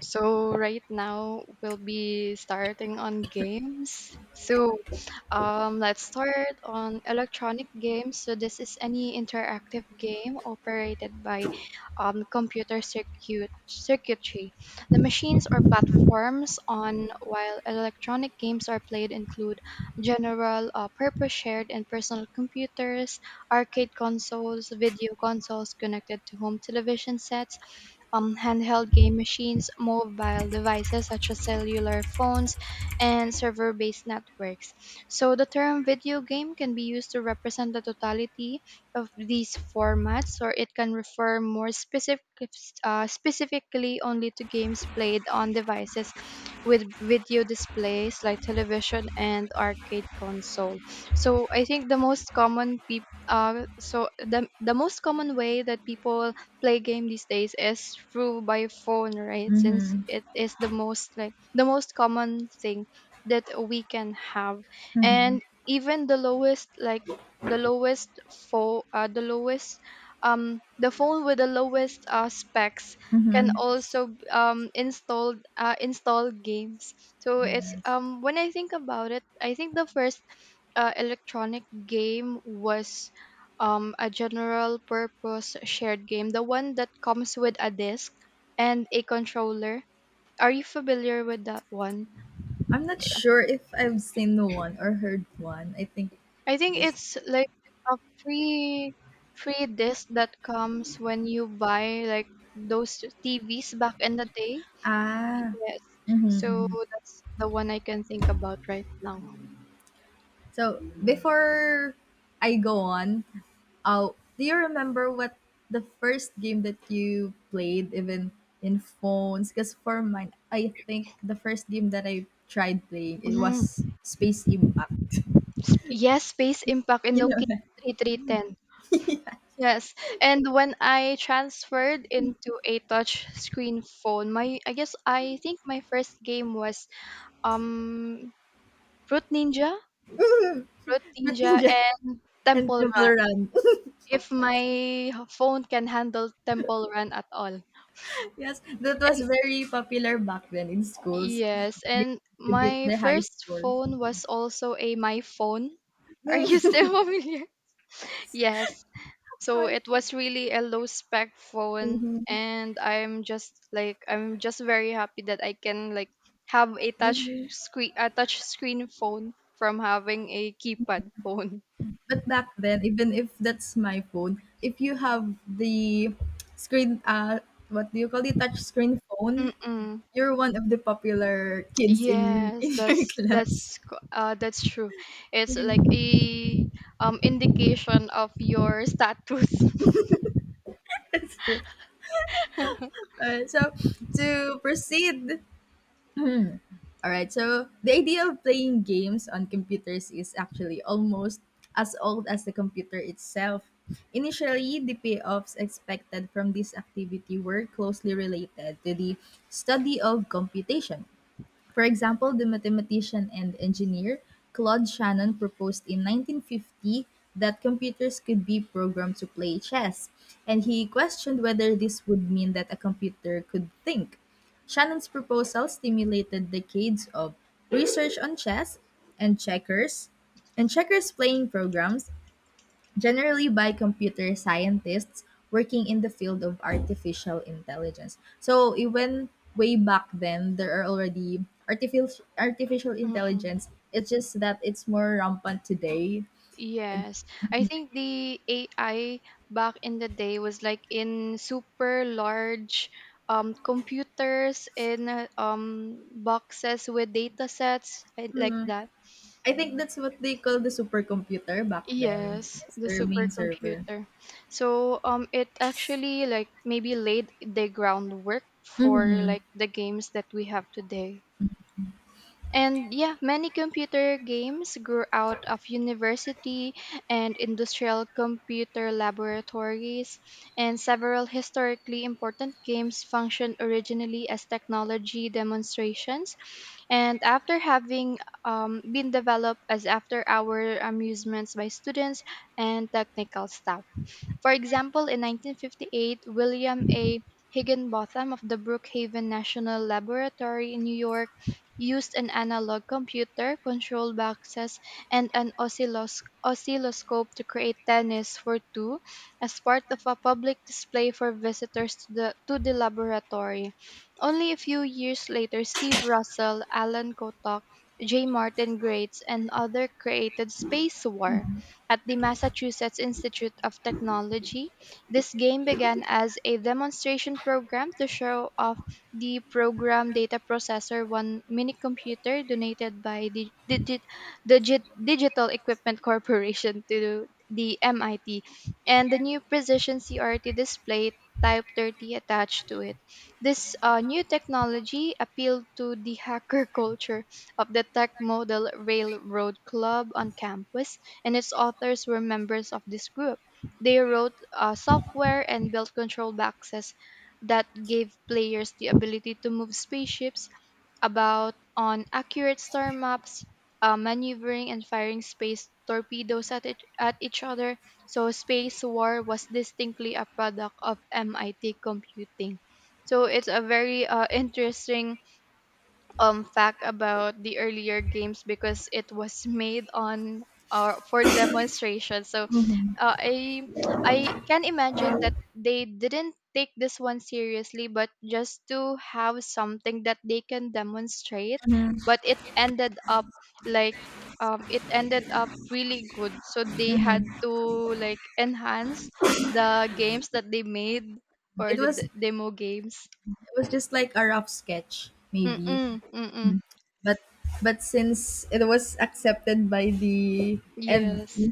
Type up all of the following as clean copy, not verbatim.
So right now we'll be starting on games. Let's start on electronic games. So this is any interactive game operated by computer circuitry. The machines or platforms on while electronic games are played include general purpose shared and personal computers, arcade consoles, video consoles connected to home television sets, handheld game machines, mobile devices such as cellular phones, and server based networks. So the term video game can be used to represent the totality of these formats, or it can refer more specifically only to games played on devices with video displays like television and arcade console. So I think the most common peop so the most common way that people play game these days is through by phone, right? Since Mhm. it is the most common thing that we can have, Mhm. and even the lowest phone, the lowest the phone with the lowest specs can Mhm. also install install games. So it's Yes. When I think about it, I think the first electronic game was a general purpose shared game, the one that comes with a disc and a controller. Are you familiar with that one? I'm not sure if I've seen one or heard one. I think I think just it's like a free free disc that comes when you buy like those TVs back in the day. ah. Yes. Mhm. So Mhm. that's the one I can think about right now. So before I go on, uh, do you remember what the first game that you played even in phones? Because for mine, I think the first game that I tried playing it was Mhm. Space Impact. Yes, Space Impact in You know Nokia that. 3310. Yes, and when I transferred into a touch screen phone, my I guess I think my first game was um Root Ninja, Root With Ninja Ninja and and Temple Run. Temple Run. If my phone can handle Temple Run at all. Yes, that was And very popular back then in schools. Yes, You and to beat my the high first score. phone was also a my phone. Are you still familiar? Yes. So it was really a low spec phone, Mm-hmm. and I'm just very happy that I can like have Hmm. A touch screen phone from having a keypad phone. But back then, even if that's my phone, if you have the screen, what do you call it, touch screen phone, Mm-mm. you're one of the popular kids in Yes, in your that's class. that's co- uh that's true. It's Hmm. like a indication of your status. That's true. So to proceed. All right. So the idea of playing games on computers is actually almost as old as the computer itself. Initially, the payoffs expected from this activity were closely related to the study of computation. For example, the mathematician and engineer Claude Shannon proposed in 1950 that computers could be programmed to play chess, and he questioned whether this would mean that a computer could think. Shannon's proposal stimulated decades of research on chess and checkers playing programs generally by computer scientists working in the field of artificial intelligence. So even way back then, there are already artificial Mm-mm. intelligence. It's just that it's more rampant today. Yes, I think the AI back in the day was like in super large computers in, boxes with data sets and like that. I think that's what they call the supercomputer back then. Yes, That's the their main server. supercomputer. So it actually like maybe laid the groundwork for Hmm. like the games that we have today. And yeah, many computer games grew out of university and industrial computer laboratories, and several historically important games functioned originally as technology demonstrations. And after having been developed as after hour amusements by students and technical staff. For example, in 1958, William A. Higginbotham of the Brookhaven National Laboratory in New York used an analog computer, control boxes, and an oscilloscope to create tennis for two as part of a public display for visitors to the laboratory. Only a few years later, Steve Russell, Alan Kotok, J. Martin Grates, and others created Space War at the Massachusetts Institute of Technology. This game began as a demonstration program to show off the program data processor, one minicomputer donated by the Digital Equipment Corporation to the MIT, and the new Precision CRT display Type 30 attached to it. This new technology appealed to the hacker culture of the Tech Model Railroad Club on campus, and its authors were members of this group. They wrote software and built control boxes that gave players the ability to move spaceships about on accurate star maps, maneuvering and firing space torpedoes at each other. So space war was distinctly a product of MIT computing. So it's a very interesting fact about the earlier games because it was made on for demonstration. So Hmm. uh, i I can imagine that they didn't take this one seriously, but just to have something that they can demonstrate, but it ended up like it ended up really good, so they had to like enhance the games that they made, or It the was demo games. it was just like a rough sketch, maybe, Mm-mm, mm-mm. but but since it was accepted by the and. Yes.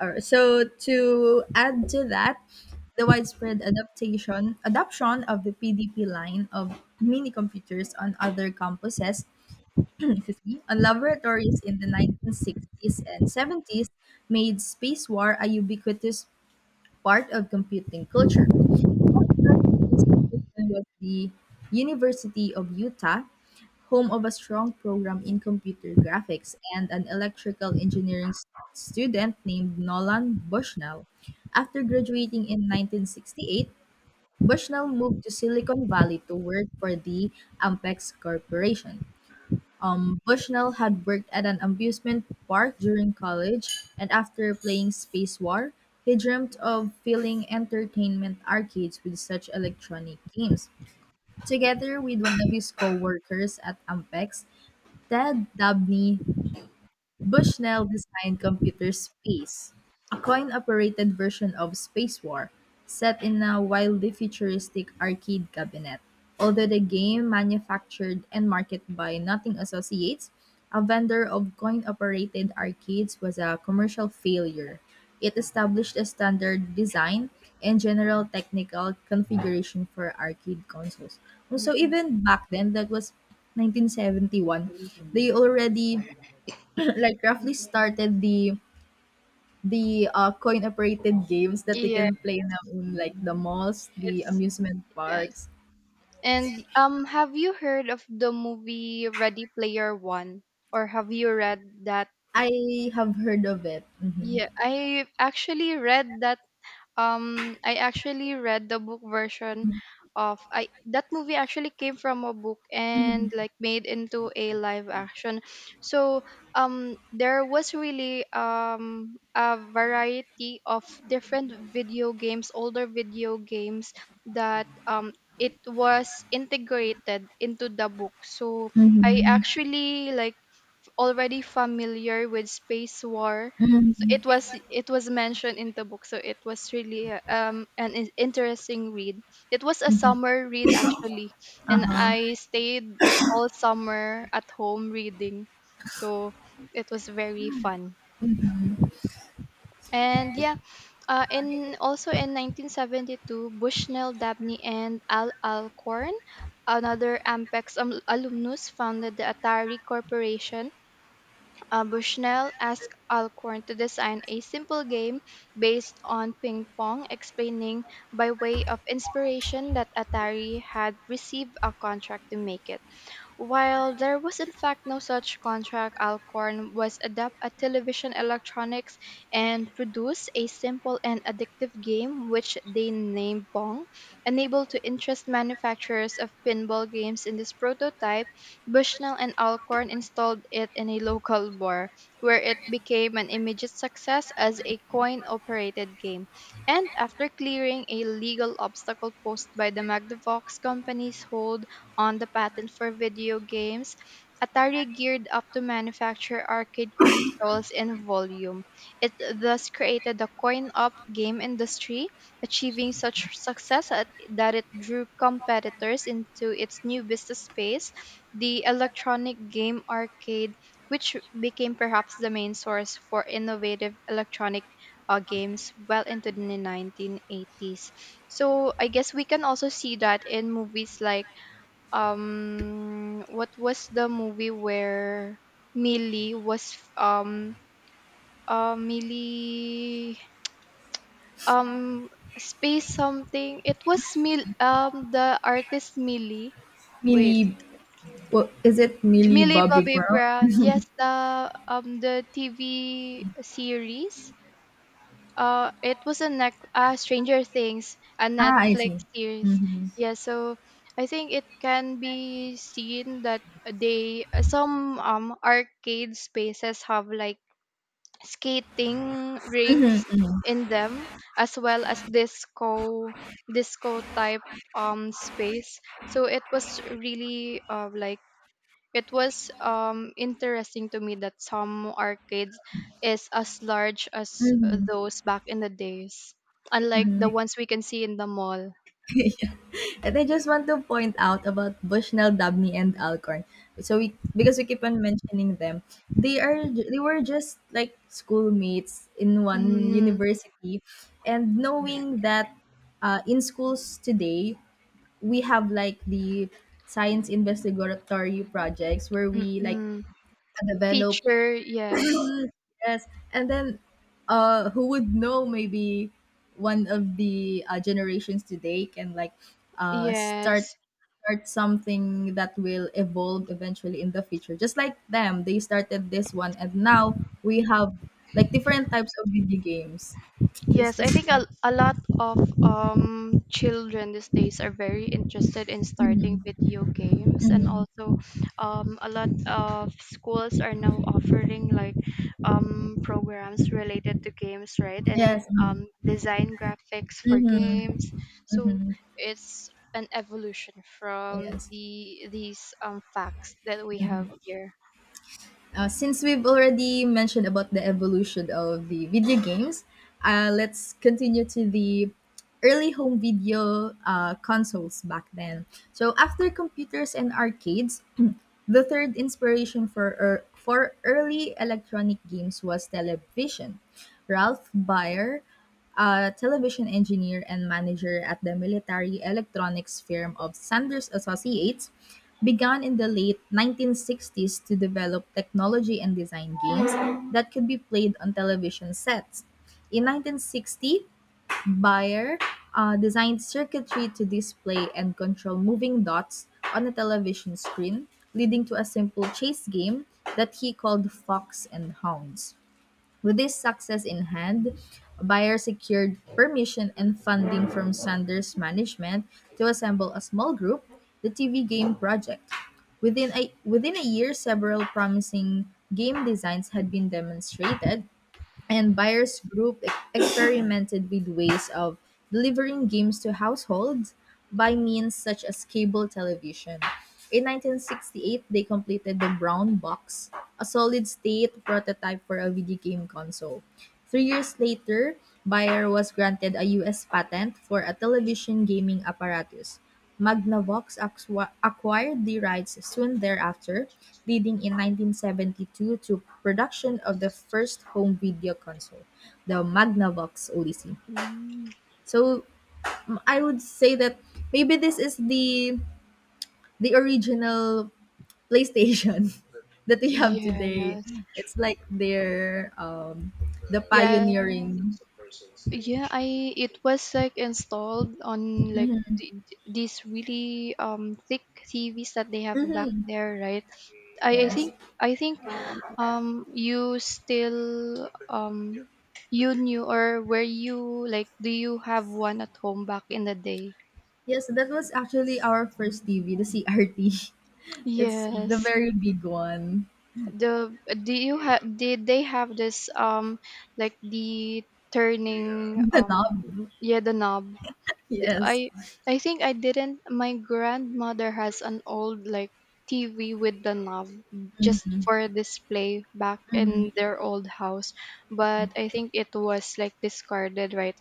Or so, to add to that, the widespread adaptation adoption of the PDP line of mini computers on other campuses, excuse me, on laboratories in the 1960s and 70s made space war a ubiquitous part of computing culture. Institution was the University of Utah, home of a strong program in computer graphics and an electrical engineering student named Nolan Bushnell. After graduating in 1968, Bushnell moved to Silicon Valley to work for the Ampex Corporation. Bushnell had worked at an amusement park during college, and after playing Space War, he dreamt of filling entertainment arcades with such electronic games. Together with one of his co-workers at Ampex, Ted Dabney, Bushnell designed Computer Space, a coin operated version of Space War, set in a wildly futuristic arcade cabinet. Although the game, manufactured and marketed by Nothing Associates, a vendor of coin operated arcades, was a commercial failure. It established a standard design and general technical configuration for arcade consoles. So, even back then, that was 1971, they already like roughly started the coin operated games that you Yeah, can play now in like the malls, the it's amusement yes. parks. And have you heard of the movie Ready Player One, or have you read that? I have heard of it. Mhm. Yeah, I actually read that. I actually read the book version of I that movie actually came from a book and Mhm. like made into a live action. So there was really a variety of different video games, older video games, that it was integrated into the book. So I actually like already familiar with space war. So Mhm. It was mentioned in the book, so it was really an interesting read. It was a Mhm. summer read actually, and Uh-huh. I stayed all summer at home reading, so it was very fun. Mhm. And yeah, in 1972, Bushnell, Dabney, and Al Alcorn, another Ampex alumnus, founded the Atari Corporation. Bushnell asked Alcorn to design a simple game based on ping pong, explaining by way of inspiration that Atari had received a contract to make it. While there was in fact no such contract, Alcorn was adept at television electronics and produced a simple and addictive game which they named Pong. Unable to interest manufacturers of pinball games in this prototype, Bushnell and Alcorn installed it in a local bar, where it became an immediate success as a coin-operated game. And after clearing a legal obstacle posed by the Magnavox company's hold on the patent for video games, Atari geared up to manufacture arcade consoles in volume. It thus created the coin op game industry, achieving such success at, that it drew competitors into its new business space, the electronic game arcade, which became perhaps the main source for innovative electronic games well into the 1980s. So I guess we can also see that in movies like what was the movie where Millie was um Millie um space something. It was Mil the artist Millie, wait, Millie, what is it? Millie Millie Bobby Bobby Brown? Brown, yes, the TV series. It was a nec- Stranger Things, a Ah, I Netflix see. series. Mm-hmm. Yeah, so I think it can be seen that they some arcade spaces have like skating rinks in them, as well as disco type space. So it was really like it was interesting to me that some arcades is as large as Mm-hmm. those back in the days, unlike the Mm-hmm. ones we can see in the mall. And I just want to point out about Bushnell, Dabney, and Alcorn. So we because we keep on mentioning them, they were just like schoolmates in one Mm, university, and knowing that in schools today we have like the science investigatory projects where we like mm-mm. develop. Feature, yes, Yes, and then who would know, maybe one of the generations today can like uh start yes. start something that will evolve eventually in the future. Just like them, they started this one and now we have like different types of video games. So it's Yes, I just think like. A lot of children these days are very interested in starting Mhm, video games, and mhm. also a lot of schools are now offering like programs related to games, right? And Yes. Design graphics for Mm-hmm. games. So Hmm, it's an evolution from yes. These facts that we have here. Since we've already mentioned about the evolution of the video games, let's continue to the early home video consoles back then. So after computers and arcades, the third inspiration for early electronic games was television. Ralph Baer, a television engineer and manager at the military electronics firm of Sanders Associates, began in the late 1960s to develop technology and design games that could be played on television sets. In 1960, Bayer designed circuitry to display and control moving dots on a television screen, leading to a simple chase game that he called Fox and Hounds. With this success in hand, Bayer secured permission and funding from Sanders management to assemble a small group, the TV game project. Within a year, several promising game designs had been demonstrated, and buyers group experimented with ways of delivering games to households by means such as cable television. In 1968, they completed the Brown Box, a solid state prototype for a video game console. 3 years later, Bayer was granted a US patent for a television gaming apparatus. Magnavox acquired the rights soon thereafter, leading in 1972 to production of the first home video console, the Magnavox Odyssey. Mm. So I would say that maybe this is the original PlayStation that we have today. Yes. It's like their the Yeah, pioneering. yeah. I it was like installed on like these really thick TVs that they have back Mhm. there, right? I I Yes. think I think you still you knew, or were you like, do you have one at home back in the day? Yes, that was actually our first TV, the CRT. It's the Yes. very big one. The, do you have, did they have this like the turning, The knob. yeah, the knob? D- Yes. I think I didn't. My grandmother has an old like TV with the knob just for display back Mhm, in their old house, but I think it was like discarded right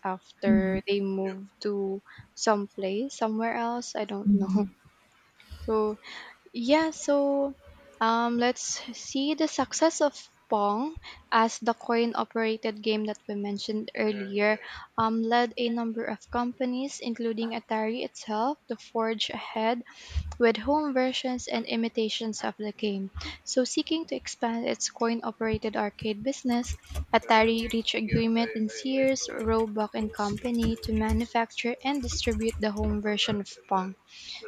mhm, after they, yeah, moved to some place somewhere else. I don't know. mhm. So yeah, so let's see, the success of Pong as the coin operated game that we mentioned earlier led a number of companies, including Atari itself, to forge ahead with home versions and imitations of the game. So, seeking to expand its coin operated arcade business, Atari reached agreement in Sears, Roebuck and Company to manufacture and distribute the home version of Pong.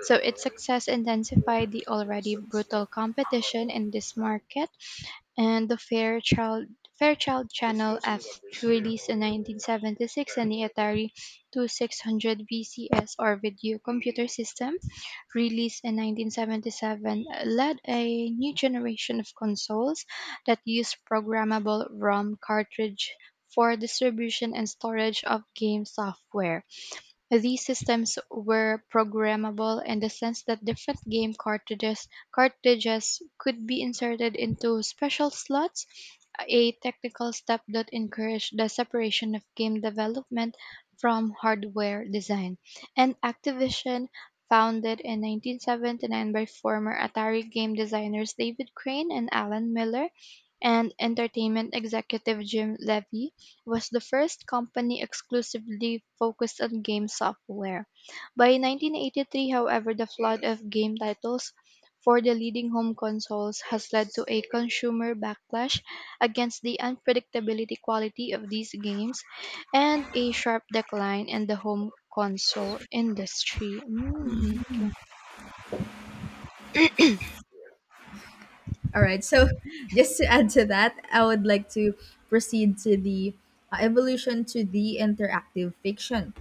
So its success intensified the already brutal competition in this market, and the Fairchild Channel F released in 1976 and the Atari 2600 VCS or video computer system released in 1977 led a new generation of consoles that used programmable ROM cartridge for distribution and storage of game software. These systems were programmable in the sense that different game cartridges cartridges could be inserted into special slots, a technical step that encouraged the separation of game development from hardware design. And Activision, founded in 1979 by former Atari game designers David Crane and Alan Miller, and entertainment executive Jim Levy, was the first company exclusively focused on game software. By 1983, however, the flood of game titles for the leading home consoles has led to a consumer backlash against the unpredictability quality of these games and a sharp decline in the home console industry. Mm, okay. All right. So, just to add to that, I would like to proceed to the evolution to the interactive fiction.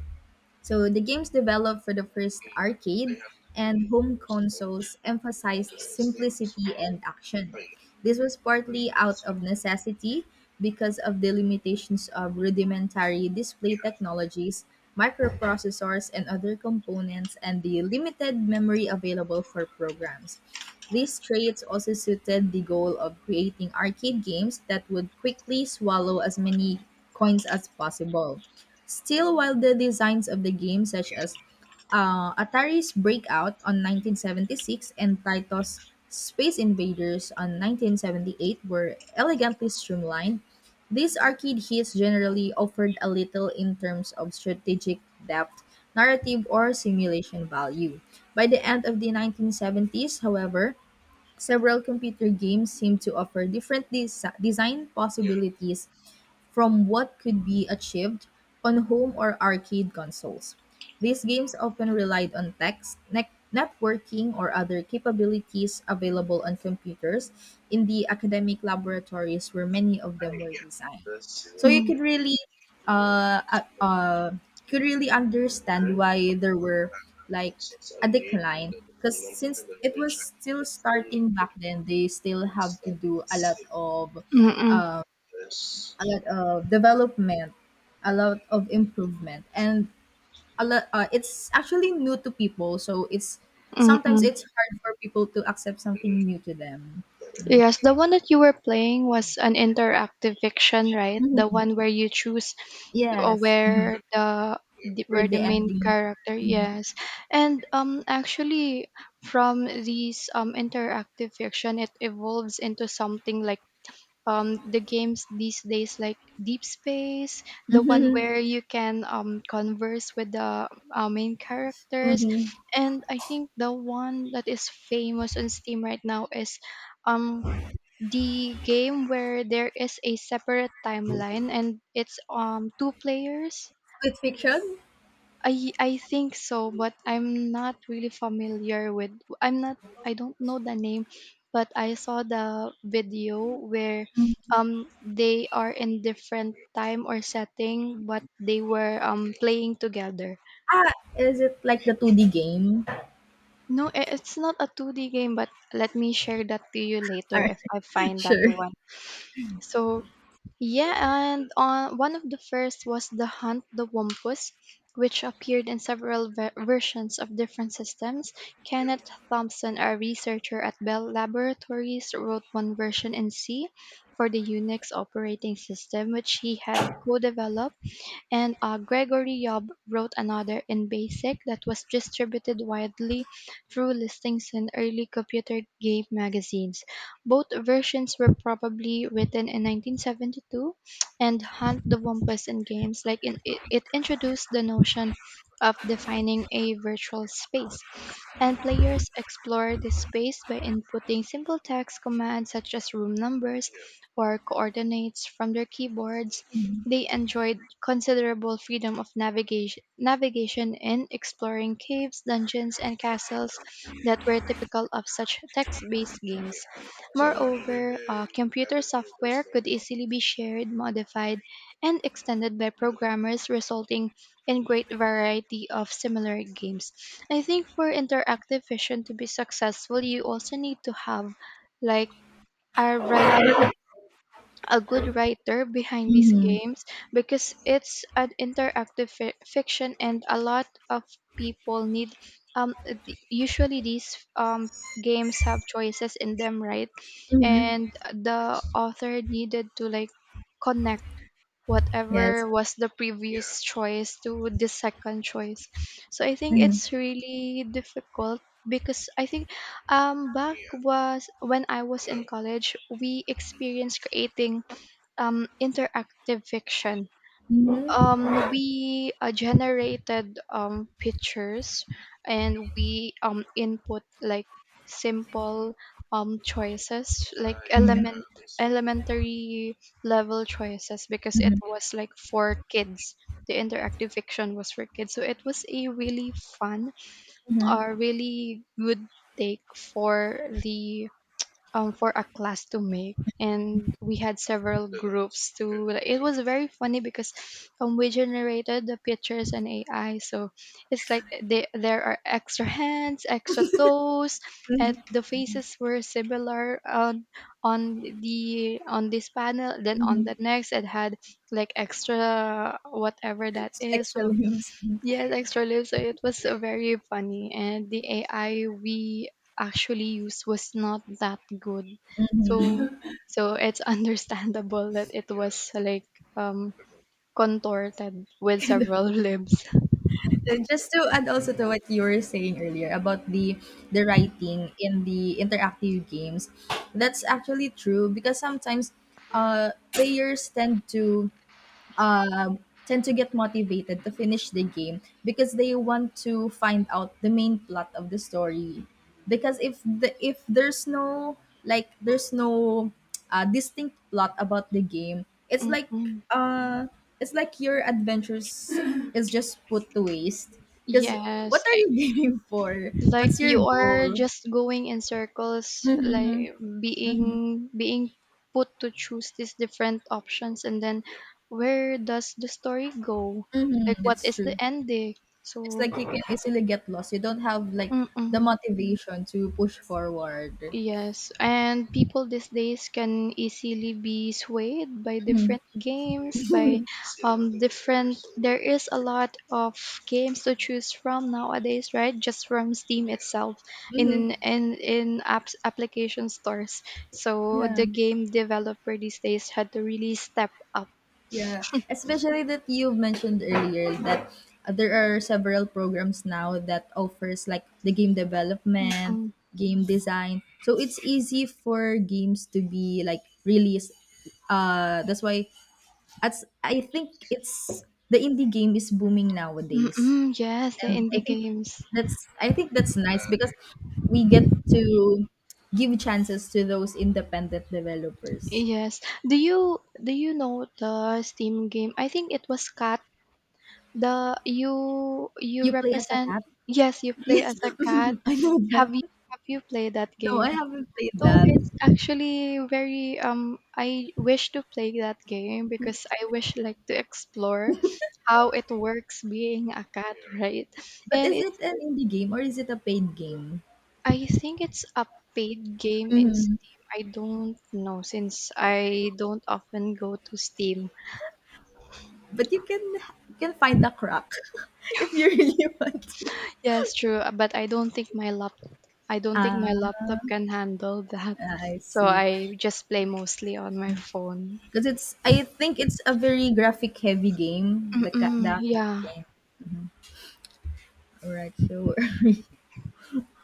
So the games developed for the first arcade and home consoles emphasized simplicity and action. This was partly out of necessity because of the limitations of rudimentary display technologies, microprocessors, and other components, and the limited memory available for programs. These traits also suited the goal of creating arcade games that would quickly swallow as many coins as possible. Still, while the designs of the game, such as Atari's Breakout on 1976 and Taito's Space Invaders on 1978, were elegantly streamlined, these arcade hits generally offered a little in terms of strategic depth, narrative, or simulation value. By the end of the 1970s, however, several computer games seem to offer different design possibilities from what could be achieved on home or arcade consoles. These games often relied on text, networking, or other capabilities available on computers in the academic laboratories where many of them were designed, so you Mm, could uh, uh uh, really understand why there were like a decline, because since it was still starting back then they still have to do a lot of mm-mm, a lot of development, a lot of improvement, and a lot. Uh, it's actually new to people, so it's sometimes mm-mm. it's hard for people to accept something new to them. Mm. Yes, the one that you were playing was an interactive fiction, right? The Mhm. one where you choose Yes. Mhm. where the- where We're the the main ending. character, Mhm. yes. And actually, from these interactive fiction it evolves into something like the games these days, like Deep Space, the one Mhm. where you can converse with the main characters. Mhm. And I think the one that is famous on Steam right now is um the game where there is a separate timeline and it's two players. It's fiction? I think so, but I'm not really familiar with. I'm not. I don't know the name, but I saw the video where they are in different time or setting, but they were playing together. Ah, is it like the 2D game? No, it's not a 2D game, but let me share that to you later Alright, if I find that sure. one. So yeah. And on, one of the first was the Hunt the Wampus, which appeared in several versions of different systems. Kenneth Thompson, a researcher at Bell Laboratories, wrote one version in C for the Unix operating system, which he had co developed. And Gregory Yob wrote another in BASIC that was distributed widely through listings in early computer game magazines. Both versions were probably written in 1972, and Hunt the Wumpus in games. Like in, it introduced the notion of defining a virtual space. And players explore this space by inputting simple text commands such as room numbers or coordinates from their keyboards. They enjoyed considerable freedom of navigation in exploring caves, dungeons, and castles that were typical of such text-based games. Moreover, computer software could easily be shared, modified, and extended by programmers, resulting in great variety of similar games. I think for interactive fiction to be successful, you also need to have, like, a good a good writer behind these Mhm, games, because it's an interactive fiction, and a lot of people need usually these games have choices in them, right? mhm. And the author needed to, like, connect Yes. whatever was the previous choice to the second choice. So I think Mhm. it's really difficult, because I think back was when I was in college, we experienced creating interactive fiction. Mhm, We generated pictures, and we input like simple choices, like mhm, elementary level choices, because it mhm, was like for kids. The interactive fiction was for kids, so it was a really fun, mhm, a really good take for the for a class to make, and we had several groups to. It was very funny because we generated the pictures and AI, so it's like they, there are extra hands, extra toes. And mhm, the faces were similar on the on this panel, then on mhm. the next it had like extra whatever that is. Extra So layers. Mhm. yes, extra lives. So it was very funny, and the AI we actually used was not that good, so it's understandable that it was like um contorted with several libs. And just to add also to what you were saying earlier about the writing in the interactive games, that's actually true because sometimes players tend to Uh, tend to get motivated to finish the game because they want to find out the main plot of the story. Because if there's no distinct plot about the game, Mm-mm. uh it's like your adventures is just put to waste. Because what Yes, are you gaming for? like What's your you are goal? just going in circles, like Mm-hmm, mm-hmm, being put to choose these different options, and then where does the story go? Like, mm-hmm, what it's is true. the ending? It's like So. you can easily get lost. You don't have like the Mm-mm. motivation to push forward. Yes, and people these days can easily be swayed by Mhm. different games, by different, there is a lot of games to choose from nowadays, right? Just from Steam itself, in apps application stores. So Yeah, the game developer these days had to really step up. yeah. Especially that you've mentioned earlier that there are several programs now that offers like the game development, Mm-mm. game design. So it's easy for games to be like released. That's why, as I think it's, the indie game is booming nowadays. Mm-mm. Yes, the And I indie think games. that's I think that's nice because we get to give chances to those independent developers. Yes. Do you know the Steam game? I think it was Cat. The you You play as a represent, cat? yes, you play Yes, as a cat. I know that. Have you have you played that No, game? I haven't played So that. it's actually very I wish to play that game, because I wish, like, to explore how it works being a cat, right? But And is it's it an indie game or is it a paid game? I think it's a paid game in Mhm. Steam. I don't know since I don't often go to Steam. But you can find a crack if you really want to. Yes, true, but I don't think Ah, my laptop can handle that. I So see. I just play mostly on my phone. Because it's, I think it's a very graphic heavy game, Mm-mm, the cat yeah. game. All right, sure.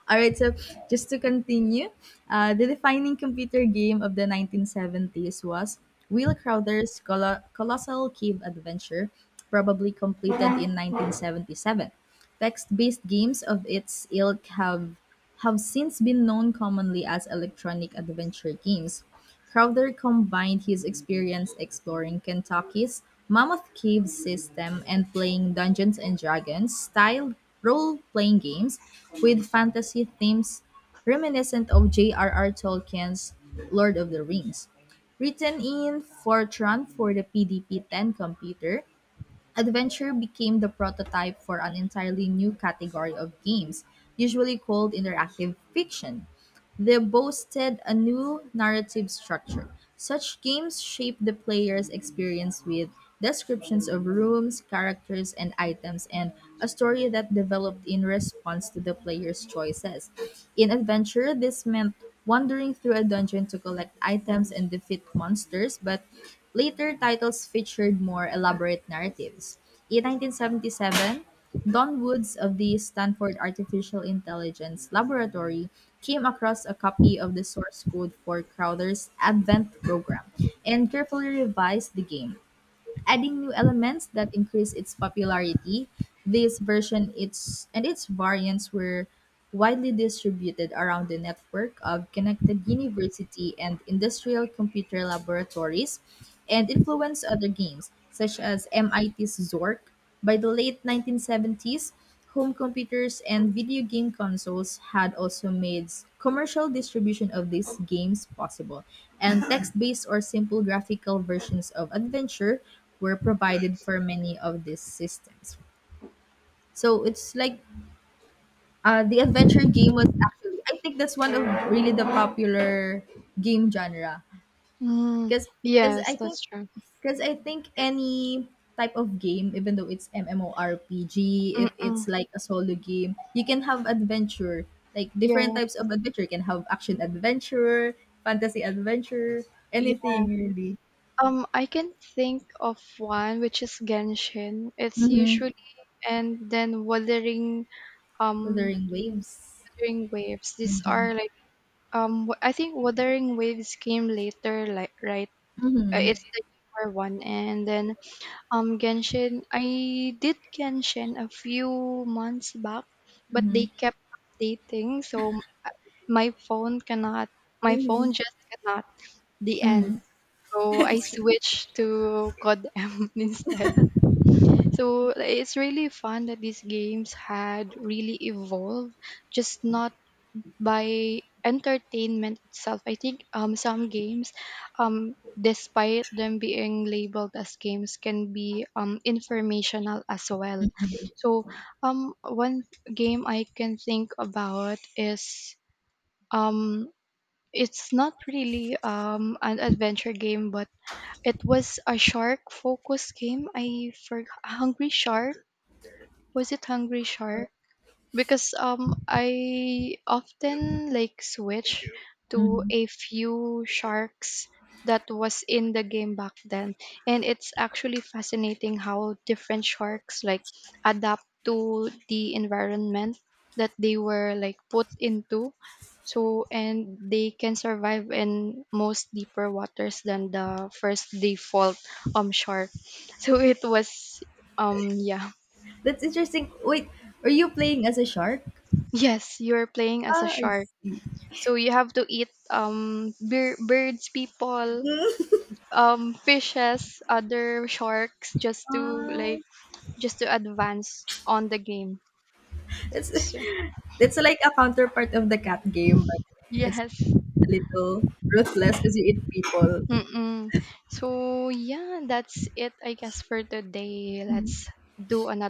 All right, so just to continue, the defining computer game of the 1970s was Will Crowther's Colossal Cave Adventure, probably completed in 1977. Text-based games of its ilk have since been known commonly as electronic adventure games. Crowther combined his experience exploring Kentucky's Mammoth Cave system and playing "Dungeons and Dragons"-style role-playing games with fantasy themes reminiscent of J.R.R. Tolkien's "Lord of the Rings." Written in Fortran for the PDP-10 computer, Adventure became the prototype for an entirely new category of games, usually called interactive fiction. They boasted a new narrative structure. Such games shaped the player's experience with descriptions of rooms, characters, and items, and a story that developed in response to the player's choices. In Adventure, this meant wandering through a dungeon to collect items and defeat monsters, but later titles featured more elaborate narratives. In 1977, Don Woods of the Stanford Artificial Intelligence Laboratory came across a copy of the source code for Crowther's Advent program and carefully revised the game, adding new elements that increased its popularity. This version, its and its variants, were widely distributed around the network of connected university and industrial computer laboratories and influenced other games such as MIT's Zork. By the late 1970s, home computers and video game consoles had also made commercial distribution of these games possible, and text based or simple graphical versions of adventure were provided for many of these systems. So it's like, the adventure game was actually, I think, that's one of really the popular game genre, Mm, because because yes, I think that's true. because I think any type of game, even though it's MMORPG, if it's Mm-mm, like a solo game, you can have adventure. Like different yeah, types of adventure. You can have action adventure, fantasy adventure, yeah. anything really. I can think of one which is Genshin. It's Mm-hmm. usually, and then um Wuthering Waves. Wuthering Waves. These are like I think Wuthering Waves came later, like, right? Mm-hmm. it's the newer one. And then Genshin, I did Genshin a few months back, but Mm-hmm. they kept updating, so my phone cannot, my phone Mm-hmm. just cannot, the end. Mm-hmm. So I That's true. switched to COD M instead. So it's really fun that these games had really evolved, just not by entertainment itself. I think some games, despite them being labeled as games, can be informational as well. So, one game I can think about is um, it's not really an adventure game, but it was a shark focus game. I for Hungry Shark. Was it Hungry Shark? Because I often like switch to Mhm. a few sharks that was in the game back then, and it's actually fascinating how different sharks like adapt to the environment that they were like put into. So and they can survive in most deeper waters than the first default shark, so it was yeah. That's interesting. Wait, are you playing as a shark? Yes, you're playing as a Ah, I shark. see. So you have to eat birds, people, fishes, other sharks, just to Ah, like just to advance on the game. that's. So It's like a counterpart of the cat game, but it's yes. a little ruthless because you eat people. Mm-mm. So yeah, that's it I guess for today. Let's do another